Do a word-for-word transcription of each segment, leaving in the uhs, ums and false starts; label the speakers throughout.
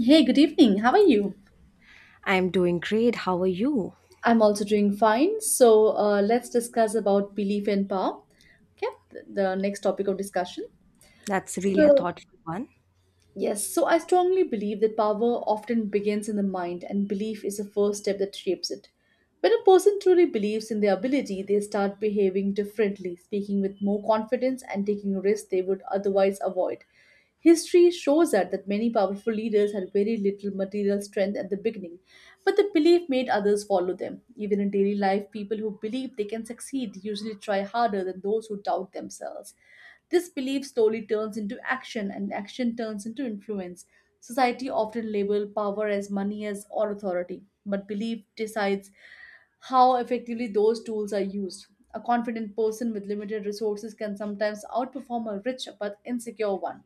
Speaker 1: Hey, good evening. How are you?
Speaker 2: I'm doing great. How are you?
Speaker 1: I'm also doing fine. So uh, let's discuss about belief and power. Okay, the the next topic of discussion.
Speaker 2: That's really a
Speaker 1: So
Speaker 2: thoughtful one.
Speaker 1: Yes, so I strongly believe that power often begins in the mind, and belief is the first step that shapes it. When a person truly believes in their ability, they start behaving differently, speaking with more confidence, and taking risks they would otherwise avoid. History shows us that many powerful leaders had very little material strength at the beginning, but the belief made others follow them. Even in daily life, people who believe they can succeed usually try harder than those who doubt themselves. This belief slowly turns into action, and action turns into influence. Society often labels power as money as or authority, but belief decides how effectively those tools are used. A confident person with limited resources can sometimes outperform a rich but insecure one.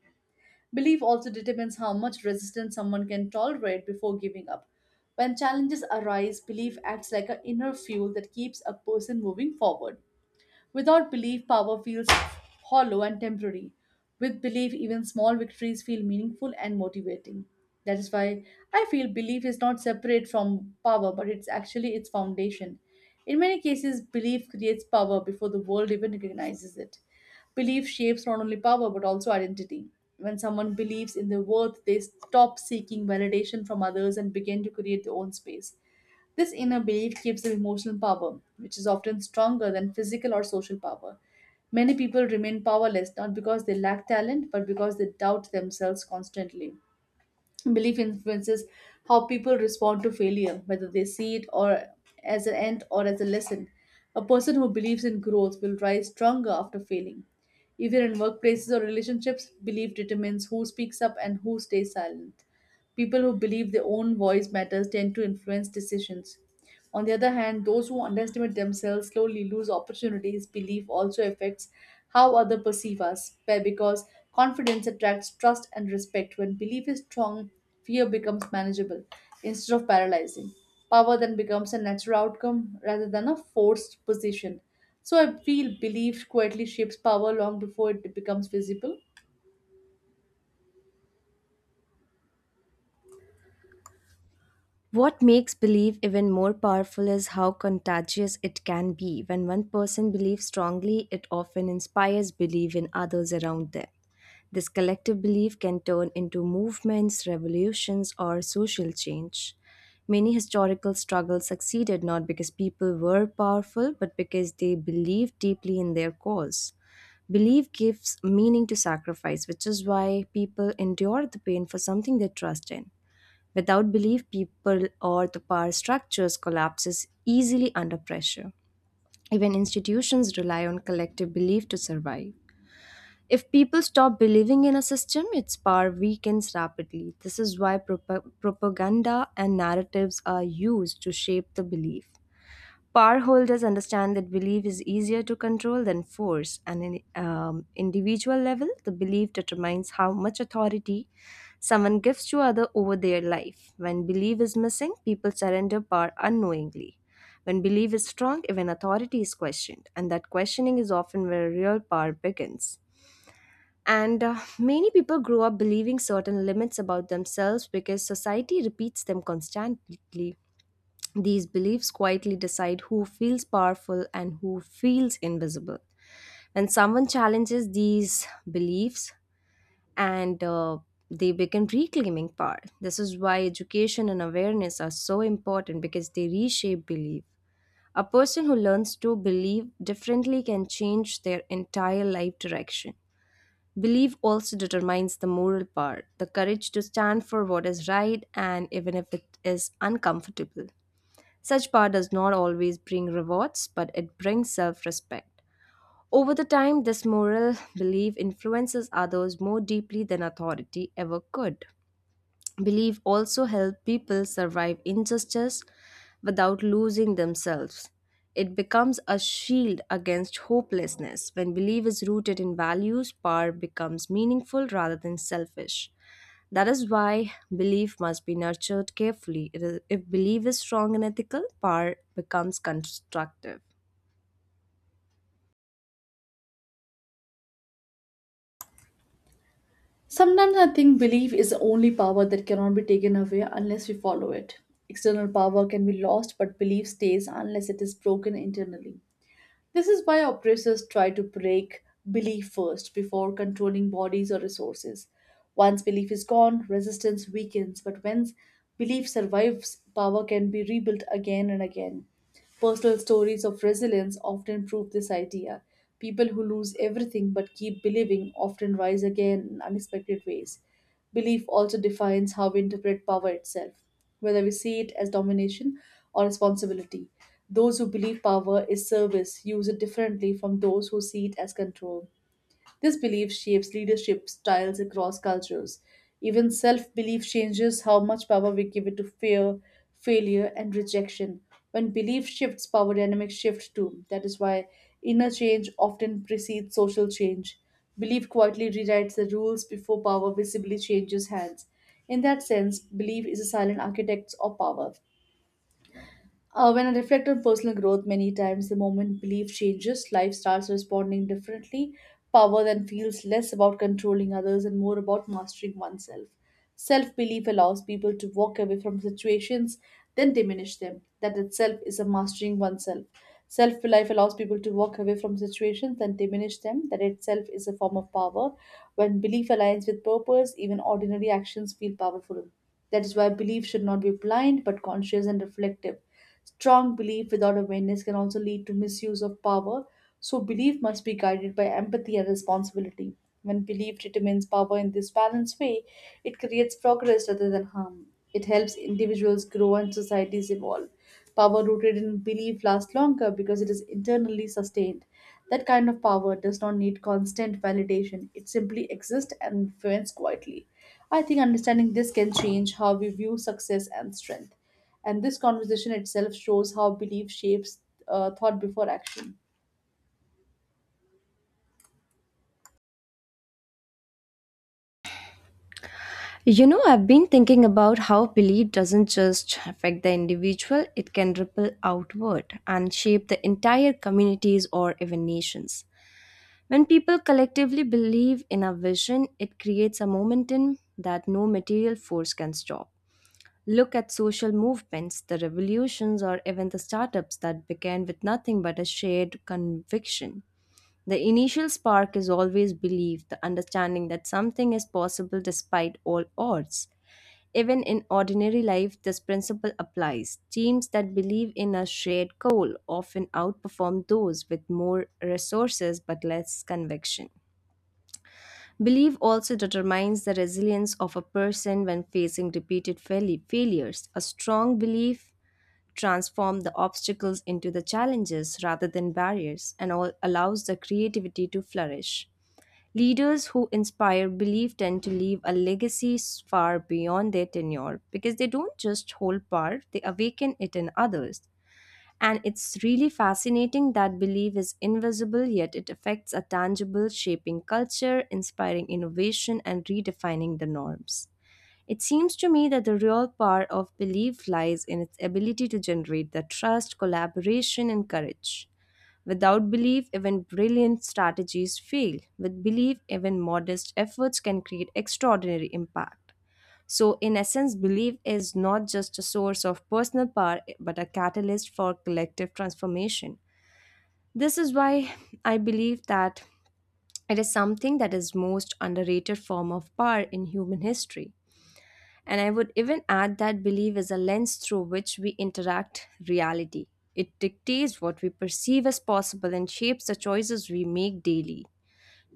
Speaker 1: Belief also determines how much resistance someone can tolerate before giving up. When challenges arise, belief acts like an inner fuel that keeps a person moving forward. Without belief, power feels hollow and temporary. With belief, even small victories feel meaningful and motivating. That is why I feel belief is not separate from power, but it's actually its foundation. In many cases, belief creates power before the world even recognizes it. Belief shapes not only power but also identity. When someone believes in their worth, they stop seeking validation from others and begin to create their own space. This inner belief gives them emotional power, which is often stronger than physical or social power. Many people remain powerless not because they lack talent, but because they doubt themselves constantly. Belief influences how people respond to failure, whether they see it or as an end or as a lesson. A person who believes in growth will rise stronger after failing. Even in workplaces or relationships, belief determines who speaks up and who stays silent. People who believe their own voice matters tend to influence decisions. On the other hand, those who underestimate themselves slowly lose opportunities. Belief also affects how others perceive us be- because confidence attracts trust and respect. When belief is strong, fear becomes manageable instead of paralyzing. Power then becomes a natural outcome rather than a forced position. So I feel belief quietly shapes power long before it becomes visible.
Speaker 2: What makes belief even more powerful is how contagious it can be. When one person believes strongly, it often inspires belief in others around them. This collective belief can turn into movements, revolutions, or social change. Many historical struggles succeeded not because people were powerful, but because they believed deeply in their cause. Belief gives meaning to sacrifice, which is why people endure the pain for something they trust in. Without belief, people or the power structures collapses easily under pressure. Even institutions rely on collective belief to survive. If people stop believing in a system, its power weakens rapidly. This is why prop- propaganda and narratives are used to shape the belief. Power holders understand that belief is easier to control than force, and in um, individual level, the belief determines how much authority someone gives to other over their life. When belief is missing, people surrender power unknowingly. When belief is strong, even authority is questioned, and that questioning is often where real power begins. And uh, Many people grow up believing certain limits about themselves because society repeats them constantly. These beliefs quietly decide who feels powerful and who feels invisible. When someone challenges these beliefs and uh, they begin reclaiming power. This is why education and awareness are so important because they reshape belief. A person who learns to believe differently can change their entire life direction. Belief also determines the moral power, the courage to stand for what is right and even if it is uncomfortable. Such power does not always bring rewards, but it brings self respect. Over the time, this moral belief influences others more deeply than authority ever could. Belief also helps people survive injustice without losing themselves. It becomes a shield against hopelessness. When belief is rooted in values, power becomes meaningful rather than selfish. That is why belief must be nurtured carefully. It is- if belief is strong and ethical, power becomes constructive.
Speaker 1: Sometimes I think belief is the only power that cannot be taken away unless we follow it. External power can be lost, but belief stays unless it is broken internally. This is why oppressors try to break belief first before controlling bodies or resources. Once belief is gone, resistance weakens, but when belief survives, power can be rebuilt again and again. Personal stories of resilience often prove this idea. People who lose everything but keep believing often rise again in unexpected ways. Belief also defines how we interpret power itself, whether we see it as domination or responsibility. Those who believe power is service use it differently from those who see it as control. This belief shapes leadership styles across cultures. Even self belief changes how much power we give it to fear, failure, and rejection. When belief shifts, power dynamics shift too. That is why inner change often precedes social change. Belief quietly rewrites the rules before power visibly changes hands. In that sense, belief is a silent architect of power. Uh, when I reflect on personal growth, many times the moment belief changes, life starts responding differently. Power then feels less about controlling others and more about mastering oneself. Self belief allows people to walk away from situations, then diminish them. That itself is a mastering oneself. Self belief allows people to walk away from situations, then diminish them. That itself is a form of power. When belief aligns with purpose, even ordinary actions feel powerful. That is why belief should not be blind but conscious and reflective. Strong belief without awareness can also lead to misuse of power, so belief must be guided by empathy and responsibility. When belief determines power in this balanced way, it creates progress rather than harm. It helps individuals grow and societies evolve. Power rooted in belief lasts longer because it is internally sustained. That kind of power does not need constant validation, it simply exists and influences quietly. I think understanding this can change how we view success and strength. And this conversation itself shows how belief shapes uh, thought before action.
Speaker 2: You know, I've been thinking about how belief doesn't just affect the individual, it can ripple outward and shape the entire communities or even nations. When people collectively believe in a vision, it creates a momentum that no material force can stop. Look at social movements, the revolutions, or even the startups that began with nothing but a shared conviction. The initial spark is always belief, the understanding that something is possible despite all odds. Even in ordinary life, this principle applies. Teams that believe in a shared goal often outperform those with more resources but less conviction. Belief also determines the resilience of a person when facing repeated fail- failures. A strong belief transforms the obstacles into the challenges rather than barriers and all allows the creativity to flourish. Leaders who inspire belief tend to leave a legacy s- far beyond their tenure because they don't just hold power, they awaken it in others. And it's really fascinating that belief is invisible, yet it affects a tangible, shaping culture, inspiring innovation, and redefining the norms. It seems to me that the real power of belief lies in its ability to generate the trust, collaboration, and courage. Without belief, even brilliant strategies fail. With belief, even modest efforts can create extraordinary impact. So, in essence, belief is not just a source of personal power, eh, but a catalyst for collective transformation. This is why I believe that it is something that is most underrated form of power in human history. And I would even add that belief is a lens through which we interact reality. It dictates what we perceive as possible and shapes the choices we make daily.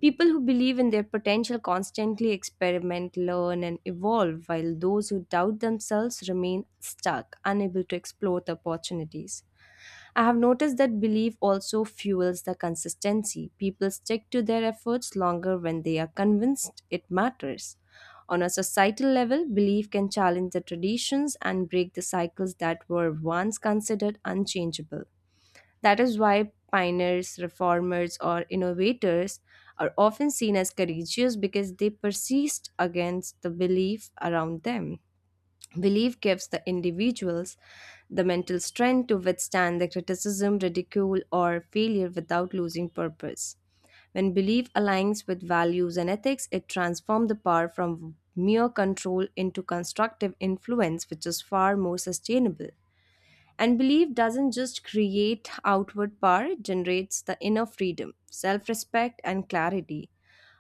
Speaker 2: People who believe in their potential constantly experiment, learn, and evolve, while those who doubt themselves remain stuck, unable to explore the opportunities. I have noticed that belief also fuels the consistency. People stick to their efforts longer when they are convinced it matters. On a societal level, belief can challenge the traditions and break the cycles that were once considered unchangeable. That is why pioneers, reformers, or innovators are often seen as courageous because they persist against the belief around them. Belief gives the individuals the mental strength to withstand the criticism, ridicule, or failure without losing purpose. When belief aligns with values and ethics, it transforms the power from mere control into constructive influence, which is far more sustainable. And belief doesn't just create outward power, it generates the inner freedom, self respect, and clarity,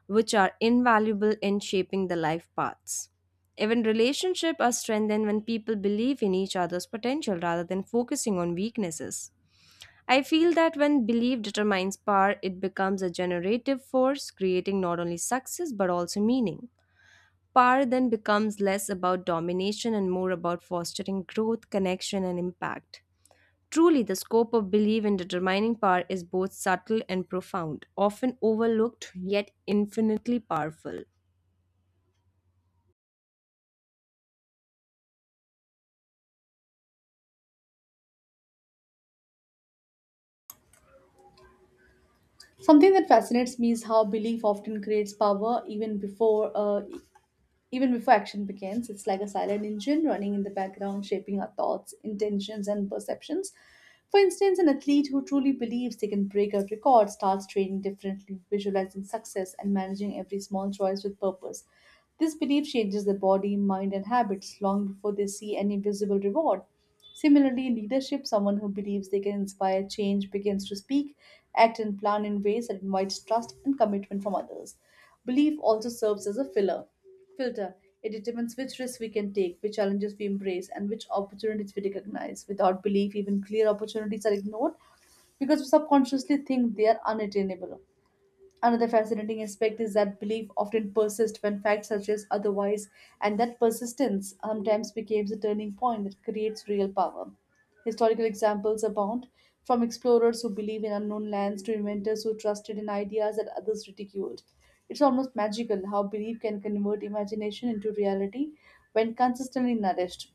Speaker 2: which are invaluable in shaping the life paths. Even relationships are strengthened when people believe in each other's potential rather than focusing on weaknesses. I feel that when belief determines power, it becomes a generative force, creating not only success but also meaning. Power then becomes less about domination and more about fostering growth, connection, and impact. Truly, the scope of belief in determining power is both subtle and profound, often overlooked yet infinitely powerful.
Speaker 1: Something that fascinates me is how belief often creates power even before uh, even before action begins. It's like a silent engine running in the background, shaping our thoughts, intentions, and perceptions. For instance, an athlete who truly believes they can break a record starts training differently, visualizing success, and managing every small choice with purpose. This belief changes their body, mind, and habits long before they see any visible reward. Similarly, in leadership, someone who believes they can inspire change begins to speak, act, and plan in ways that invites trust and commitment from others. Belief also serves as a filler, filter. It determines which risks we can take, which challenges we embrace, and which opportunities we recognize. Without belief, even clear opportunities are ignored because we subconsciously think they are unattainable. Another fascinating aspect is that belief often persists when facts suggest otherwise, and that persistence sometimes becomes a turning point that creates real power. Historical examples abound, from explorers who believe in unknown lands to inventors who trusted in ideas that others ridiculed. It's almost magical how belief can convert imagination into reality when consistently nourished.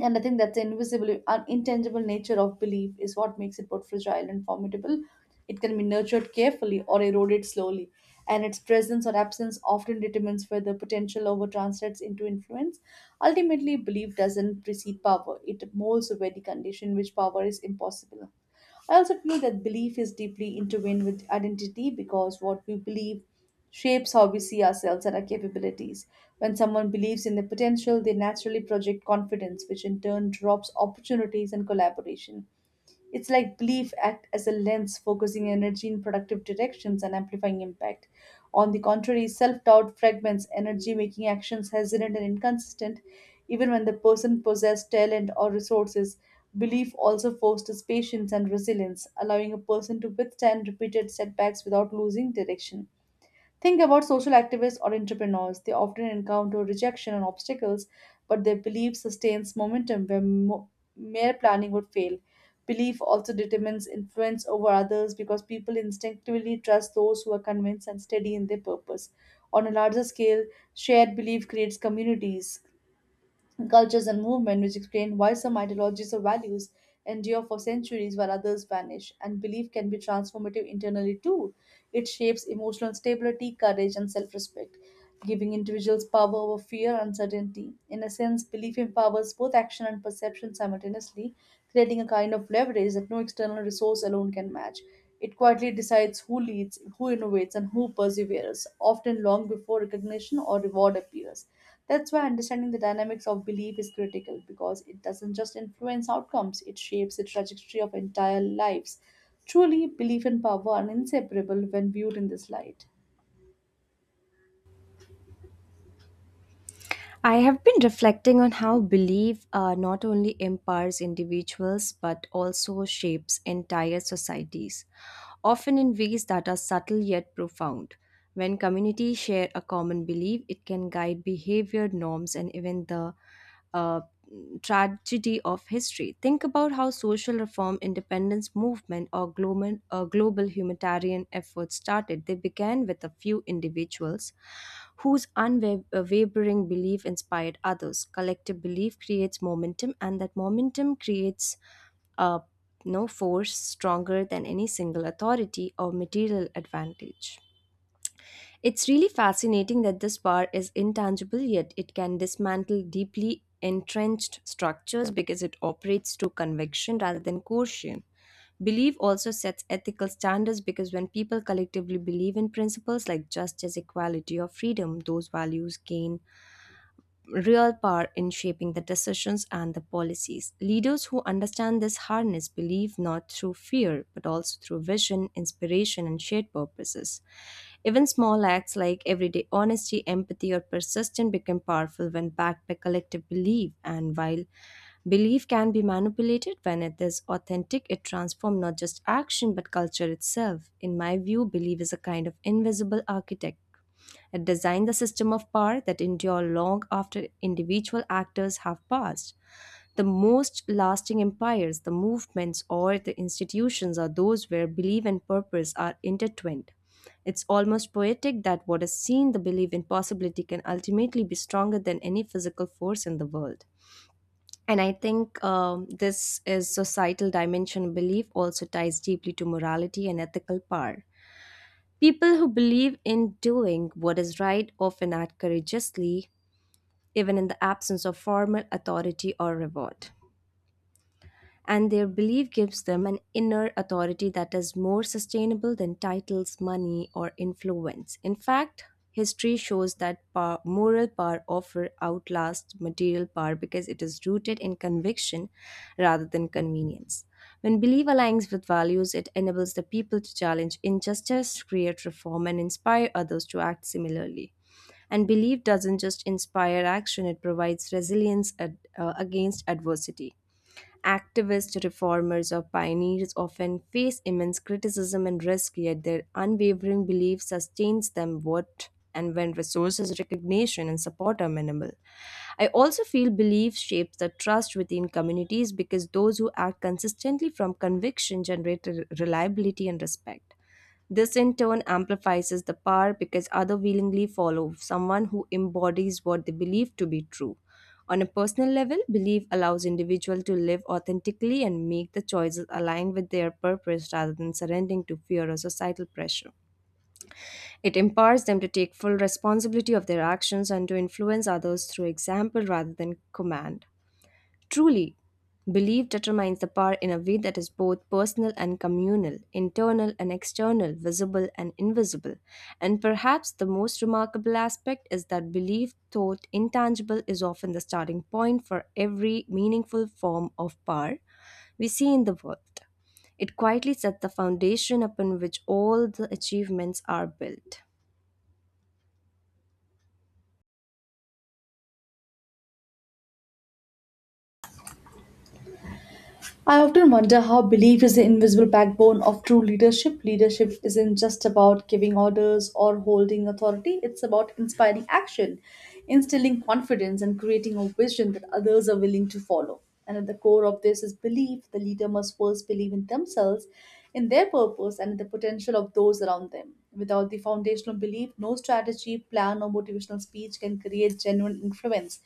Speaker 1: And I think that the invisible, un- intangible nature of belief is what makes it both fragile and formidable. It can be nurtured carefully or eroded slowly, and its presence or absence often determines whether potential over translates into influence. Ultimately, belief doesn't precede power, it molds a very condition in which power is impossible. I also feel that belief is deeply intertwined with identity because what we believe shapes how we see ourselves and our capabilities. When someone believes in their potential, they naturally project confidence, which in turn drops opportunities and collaboration. It's like belief act as a lens, focusing energy in productive directions and amplifying impact. On the contrary, self-doubt fragments energy, making actions hesitant and inconsistent, even when the person possessed talent or resources. Belief also fosters patience and resilience, allowing a person to withstand repeated setbacks without losing direction. Think about social activists or entrepreneurs. They often encounter rejection and obstacles, but their belief sustains momentum where mo- mere planning would fail. Belief also determines influence over others because people instinctively trust those who are convinced and steady in their purpose. On a larger scale, shared belief creates communities, cultures, and movement, which explain why some ideologies or values endure for centuries while others vanish. And belief can be transformative internally too. It shapes emotional stability, courage, and self-respect, giving individuals power over fear and uncertainty. In a sense, belief empowers both action and perception simultaneously, creating a kind of leverage that no external resource alone can match. It quietly decides who leads, who innovates, and who perseveres, often long before recognition or reward appears. That's why understanding the dynamics of belief is critical, because it doesn't just influence outcomes, it shapes the trajectory of entire lives. Truly, belief and power are inseparable when viewed in this light.
Speaker 2: I have been reflecting on how belief uh, not only empowers individuals but also shapes entire societies, often in ways that are subtle yet profound. When communities share a common belief, it can guide behavior, norms, and even the uh, tragedy of history. Think about how social reform, independence movement, or global, uh, global humanitarian efforts started. They began with a few individuals whose unwavering belief inspired others. Collective belief creates momentum, and that momentum creates uh, no force stronger than any single authority or material advantage. It's really fascinating that this power is intangible, yet it can dismantle deeply entrenched structures because it operates through conviction rather than coercion. Belief also sets ethical standards because when people collectively believe in principles like justice, equality, or freedom, those values gain real power in shaping the decisions and the policies. Leaders who understand this harness believe not through fear, but also through vision, inspiration, and shared purposes. Even small acts like everyday honesty, empathy, or persistence become powerful when backed by collective belief. And while belief can be manipulated, when it is authentic, it transforms not just action but culture itself. In my view, belief is a kind of invisible architect and design the system of power that endure long after individual actors have passed. The most lasting empires, the movements, or the institutions are those where belief and purpose are intertwined. It's almost poetic that what is seen, the belief in possibility, can ultimately be stronger than any physical force in the world. And I think um, This is societal dimension of belief also ties deeply to morality and ethical power. People who believe in doing what is right often act courageously, even in the absence of formal authority or reward, and their belief gives them an inner authority that is more sustainable than titles, money, or influence. In fact, history shows that power, moral power often outlasts material power because it is rooted in conviction rather than convenience. When belief aligns with values, it enables the people to challenge injustice, create reform, and inspire others to act similarly. And belief doesn't just inspire action, it provides resilience ad- uh, against adversity. Activist reformers or pioneers often face immense criticism and risk, yet their unwavering belief sustains them what and when resources, recognition, and support are minimal. I also feel belief shapes the trust within communities because those who act consistently from conviction generate re- reliability and respect. This in turn amplifies the power because others willingly follow someone who embodies what they believe to be true. On a personal level, belief allows individuals to live authentically and make the choices aligned with their purpose rather than surrendering to fear or societal pressure. It empowers them to take full responsibility of their actions and to influence others through example rather than command. Truly, belief determines the power in a way that is both personal and communal, internal and external, visible and invisible. And perhaps the most remarkable aspect is that belief, thought intangible, is often the starting point for every meaningful form of power we see in the world. It quietly sets the foundation upon which all the achievements are built.
Speaker 1: I often wonder how belief is the invisible backbone of true leadership. Leadership isn't just about giving orders or holding authority, it's about inspiring action, instilling confidence, and creating a vision that others are willing to follow. And at the core of this is belief. The leader must first believe in themselves, in their purpose, and in the potential of those around them. Without the foundational belief, no strategy, plan, or motivational speech can create genuine influence.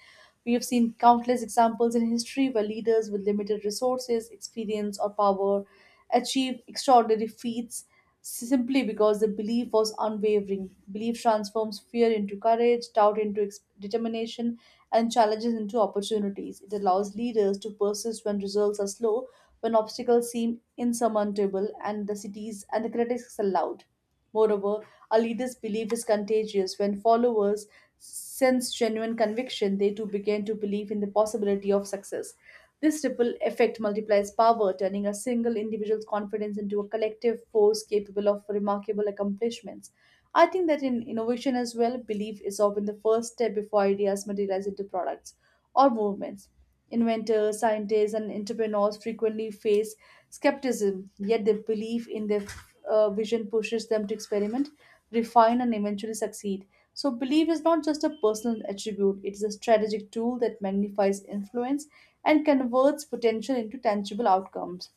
Speaker 1: We have seen countless examples in history where leaders with limited resources, experience, or power achieved extraordinary feats simply because the belief was unwavering. Belief transforms fear into courage, doubt into ex- determination, and challenges into opportunities. It allows leaders to persist when results are slow, when obstacles seem insurmountable, and the cities and the critics are loud. Moreover, a leader's belief is contagious. When followers sense genuine conviction, they too begin to believe in the possibility of success. This ripple effect multiplies power, turning a single individual's confidence into a collective force capable of remarkable accomplishments. I think that in innovation as well, belief is often the first step before ideas materialize into products or movements. Inventors, scientists, and entrepreneurs frequently face skepticism, yet their belief in their uh, vision pushes them to experiment, refine, and eventually succeed. So, belief is not just a personal attribute, it is a strategic tool that magnifies influence and converts potential into tangible outcomes.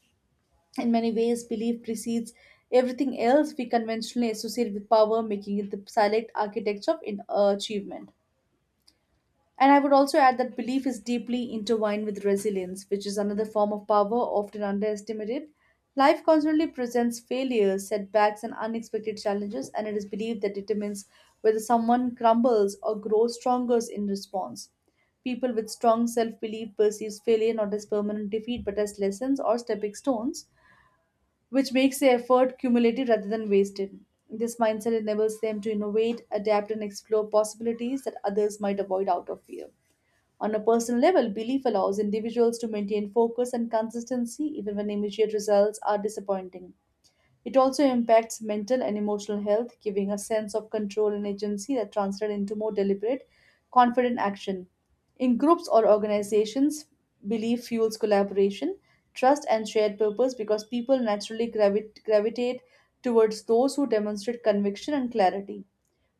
Speaker 1: In many ways, belief precedes everything else we conventionally associate with power, making it the silent architecture of in, uh, achievement. And I would also add that belief is deeply intertwined with resilience, which is another form of power often underestimated. Life constantly presents failures, setbacks, and unexpected challenges, and it is belief that determines whether someone crumbles or grows stronger in response. People with strong self belief perceive failure not as permanent defeat but as lessons or stepping stones, which makes the effort cumulative rather than wasted. This mindset enables them to innovate, adapt, and explore possibilities that others might avoid out of fear. On a personal level, belief allows individuals to maintain focus and consistency even when immediate results are disappointing. It also impacts mental and emotional health, giving a sense of control and agency that translate into more deliberate, confident action. In groups or organizations, belief fuels collaboration, trust, and shared purpose because people naturally gravi- gravitate towards those who demonstrate conviction and clarity.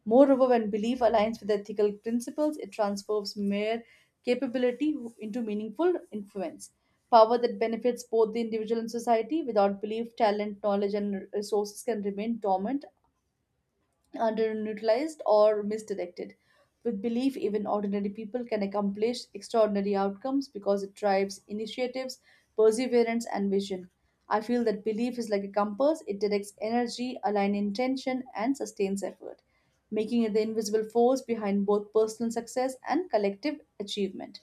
Speaker 1: Moreover, when belief aligns with ethical principles, it transforms mere capability into meaningful influence. Power that benefits both the individual and society. Without belief, talent, knowledge, and resources can remain dormant underutilized or misdirected. With belief, even ordinary people can accomplish extraordinary outcomes because it drives initiatives, perseverance, and vision. I feel that belief is like a compass, it directs energy, aligns intention, and sustains effort, making it the invisible force behind both personal success and collective achievement.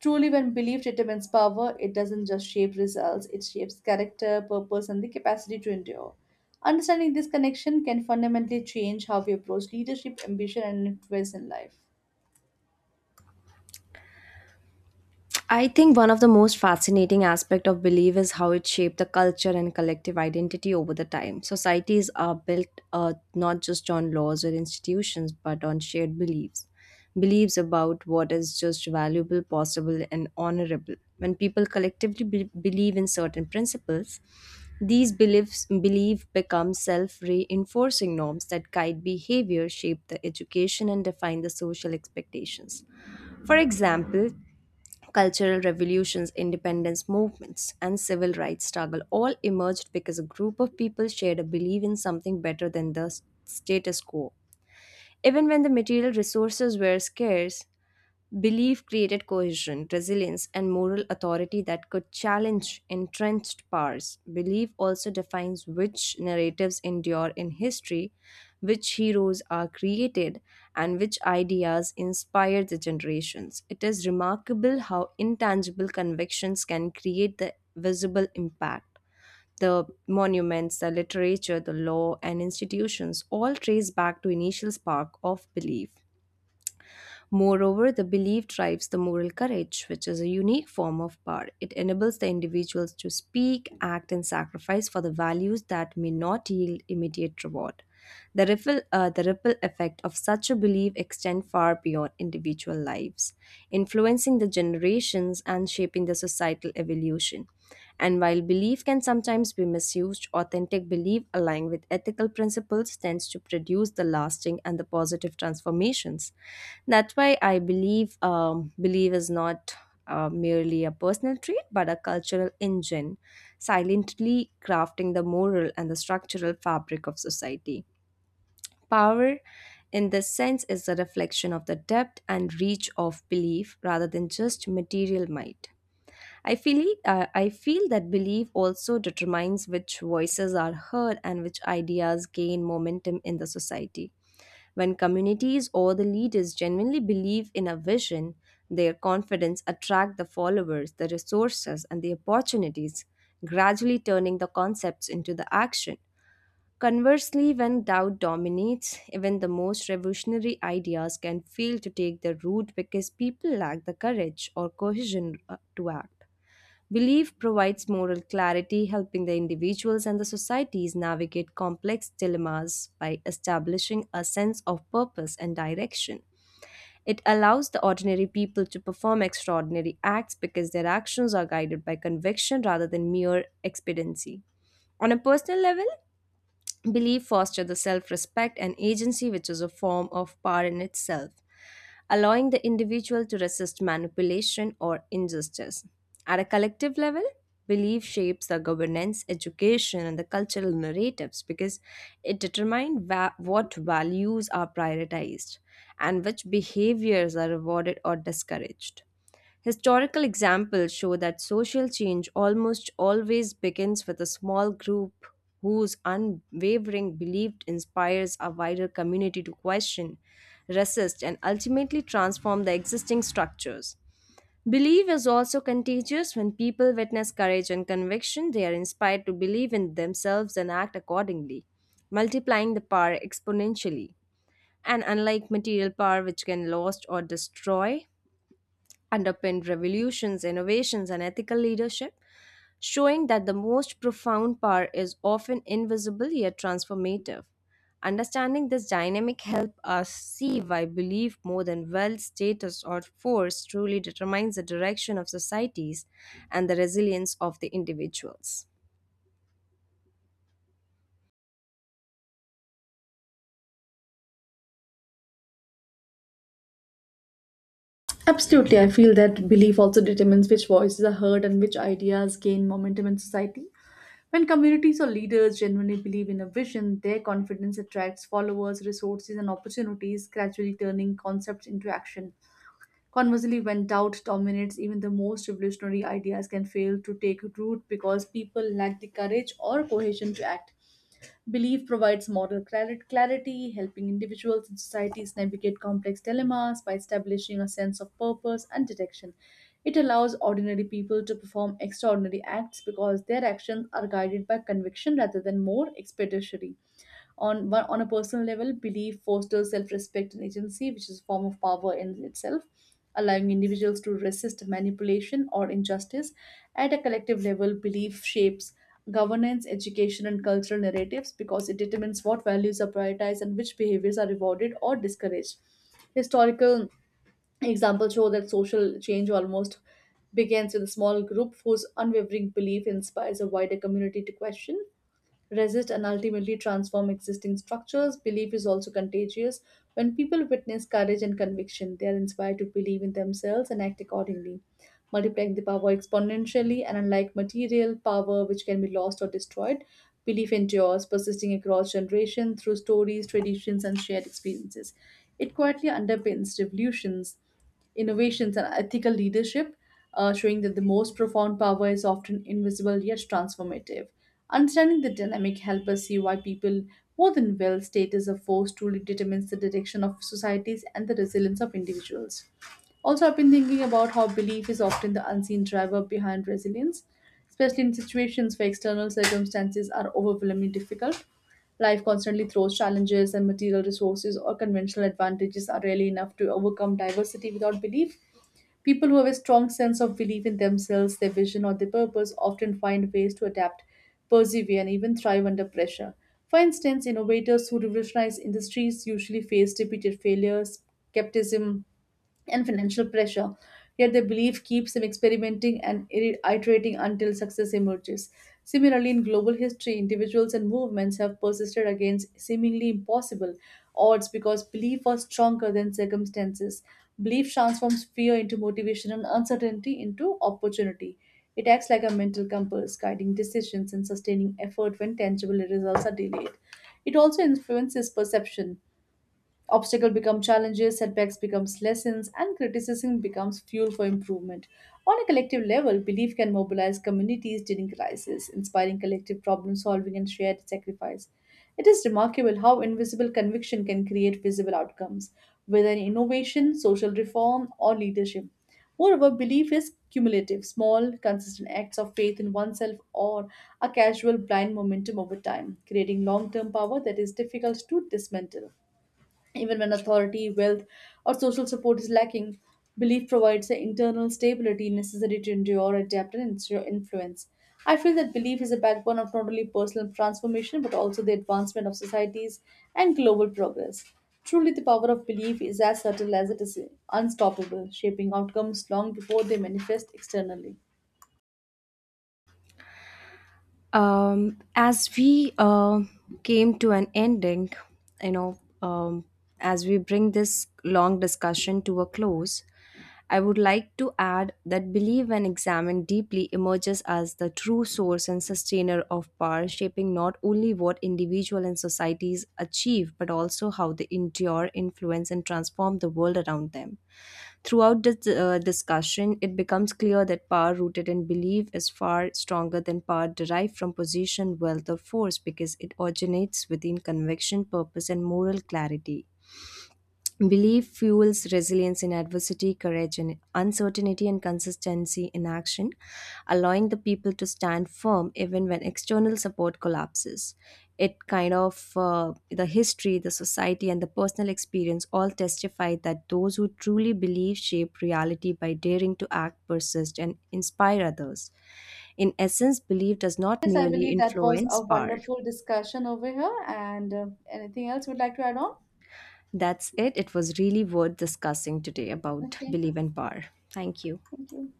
Speaker 1: Truly, when belief determines power, it doesn't just shape results, it shapes character, purpose, and the capacity to endure. Understanding this connection can fundamentally change how we approach leadership, ambition, and influence in life.
Speaker 2: I think one of the most fascinating aspect of belief is how it shaped the culture and collective identity over the time. Societies are built uh, not just on laws or institutions, but on shared beliefs. Beliefs about what is just valuable, possible, and honorable. When people collectively be- believe in certain principles, these beliefs belief become self-reinforcing norms that guide behavior, shape the education, and define the social expectations. For example, cultural revolutions, independence movements, and civil rights struggle all emerged because a group of people shared a belief in something better than the s- status quo. Even when the material resources were scarce, belief created cohesion, resilience, and moral authority that could challenge entrenched powers. Belief also defines which narratives endure in history, which heroes are created, and which ideas inspire the generations. It is remarkable how intangible convictions can create the visible impact. The monuments, the literature, the law, and institutions all trace back to initial spark of belief. Moreover, the belief drives the moral courage, which is a unique form of power. It enables the individuals to speak, act, and sacrifice for the values that may not yield immediate reward. The ripple, uh, the ripple effect of such a belief extends far beyond individual lives, influencing the generations and shaping the societal evolution. And while belief can sometimes be misused, authentic belief aligned with ethical principles tends to produce the lasting and the positive transformations. That's why I believe um, belief is not uh, merely a personal trait but a cultural engine, silently crafting the moral and the structural fabric of society. Power, in this sense, is a reflection of the depth and reach of belief rather than just material might. I feel, uh, I feel that belief also determines which voices are heard and which ideas gain momentum in the society. When communities or the leaders genuinely believe in a vision, their confidence attracts the followers, the resources and the opportunities, gradually turning the concepts into the action. Conversely, when doubt dominates, even the most revolutionary ideas can fail to take the root because people lack the courage or cohesion uh, to act. Belief provides moral clarity, helping the individuals and the societies navigate complex dilemmas by establishing a sense of purpose and direction. It allows the ordinary people to perform extraordinary acts because their actions are guided by conviction rather than mere expediency. On a personal level, belief foster the self respect and agency, which is a form of power in itself, allowing the individual to resist manipulation or injustice. At a collective level, belief shapes the governance, education, and the cultural narratives because it determines va- what values are prioritized and which behaviors are rewarded or discouraged. Historical examples show that social change almost always begins with a small group whose unwavering belief inspires a wider community to question, resist, and ultimately transform the existing structures. Belief is also contagious. When people witness courage and conviction, they are inspired to believe in themselves and act accordingly, multiplying the power exponentially. And unlike material power, which can lost or destroy, underpinned revolutions, innovations, and ethical leadership, showing that the most profound power is often invisible yet transformative. Understanding this dynamic help us see why belief more than wealth, status, or force truly determines the direction of societies and the resilience of the individuals.
Speaker 1: Absolutely, I feel that belief also determines which voices are heard and which ideas gain momentum in society. When communities or leaders genuinely believe in a vision, their confidence attracts followers, resources, and opportunities, gradually turning concepts into action. Conversely, when doubt dominates, even the most revolutionary ideas can fail to take root because people lack the courage or cohesion to act. Belief provides moral clar- clarity, helping individuals and societies navigate complex dilemmas by establishing a sense of purpose and direction. It allows ordinary people to perform extraordinary acts because their actions are guided by conviction rather than more expeditiary. On one, on a personal level, belief fosters self-respect and agency, which is a form of power in itself, allowing individuals to resist manipulation or injustice. At a collective level, belief shapes governance, education, and cultural narratives because it determines what values are prioritized and which behaviors are rewarded or discouraged. Historical examples show that social change almost begins with a small group whose unwavering belief inspires a wider community to question resist and ultimately transform existing structures. Belief is also contagious. When people witness courage and conviction, they are inspired to believe in themselves and act accordingly, multiplying the power exponentially. And unlike material power, which can be lost or destroyed, belief endures, persisting across generations through stories, traditions, and shared experiences. It quietly underpins revolutions innovations, and ethical leadership, uh, showing that the most profound power is often invisible yet transformative. Understanding the dynamic helps us see why people more than wealth, status or force truly determines the direction of societies and the resilience of individuals. Also, I've been thinking about how belief is often the unseen driver behind resilience, especially in situations where external circumstances are overwhelmingly difficult. Life constantly throws challenges, and material resources or conventional advantages are rarely enough to overcome diversity without belief. People who have a strong sense of belief in themselves, their vision, or their purpose often find ways to adapt, persevere, and even thrive under pressure. For instance, innovators who revolutionize industries usually face repeated failures, skepticism, and financial pressure. Yet the belief keeps them experimenting and iri- iterating until success emerges. Similarly, in global history, individuals and movements have persisted against seemingly impossible odds because belief was stronger than circumstances. Belief transforms fear into motivation and uncertainty into opportunity. It acts like a mental compass, guiding decisions and sustaining effort when tangible results are delayed. It also influences perception. Obstacles become challenges, setbacks becomes lessons, and criticism becomes fuel for improvement. On a collective level, belief can mobilize communities during crisis, inspiring collective problem solving and shared sacrifice. It is remarkable how invisible conviction can create visible outcomes, whether in innovation, social reform, or leadership. Moreover, belief is cumulative, small, consistent acts of faith in oneself or a casual blind momentum over time, creating long term power that is difficult to dismantle. Even when authority, wealth, or social support is lacking, belief provides the internal stability necessary to endure, adapt, and ensure influence. I feel that belief is a backbone of not only personal transformation but also the advancement of societies and global progress. Truly, the power of belief is as subtle as it is unstoppable, shaping outcomes long before they manifest externally.
Speaker 2: um, as we uh, came to an ending, you know, um, as we bring this long discussion to a close, I would like to add that belief, when examined deeply, emerges as the true source and sustainer of power, shaping not only what individuals individual and societies achieve, but also how they endure, influence, and transform the world around them. Throughout this uh, discussion, it becomes clear that power rooted in belief is far stronger than power derived from position, wealth, or force because it originates within conviction, purpose, and moral clarity. Belief fuels resilience in adversity, courage, and uncertainty, and consistency in action, allowing the people to stand firm even when external support collapses. It kind of, uh, the history, the society, and the personal experience all testify that those who truly believe shape reality by daring to act, persist, and inspire others. In essence, belief does not
Speaker 1: Yes, I
Speaker 2: merely
Speaker 1: believe that was a
Speaker 2: influence power.
Speaker 1: wonderful discussion over here. And uh, anything else you would like to add on?
Speaker 2: That's it. It was really worth discussing today about
Speaker 1: Okay,
Speaker 2: belief and power. Thank you.
Speaker 1: thank you.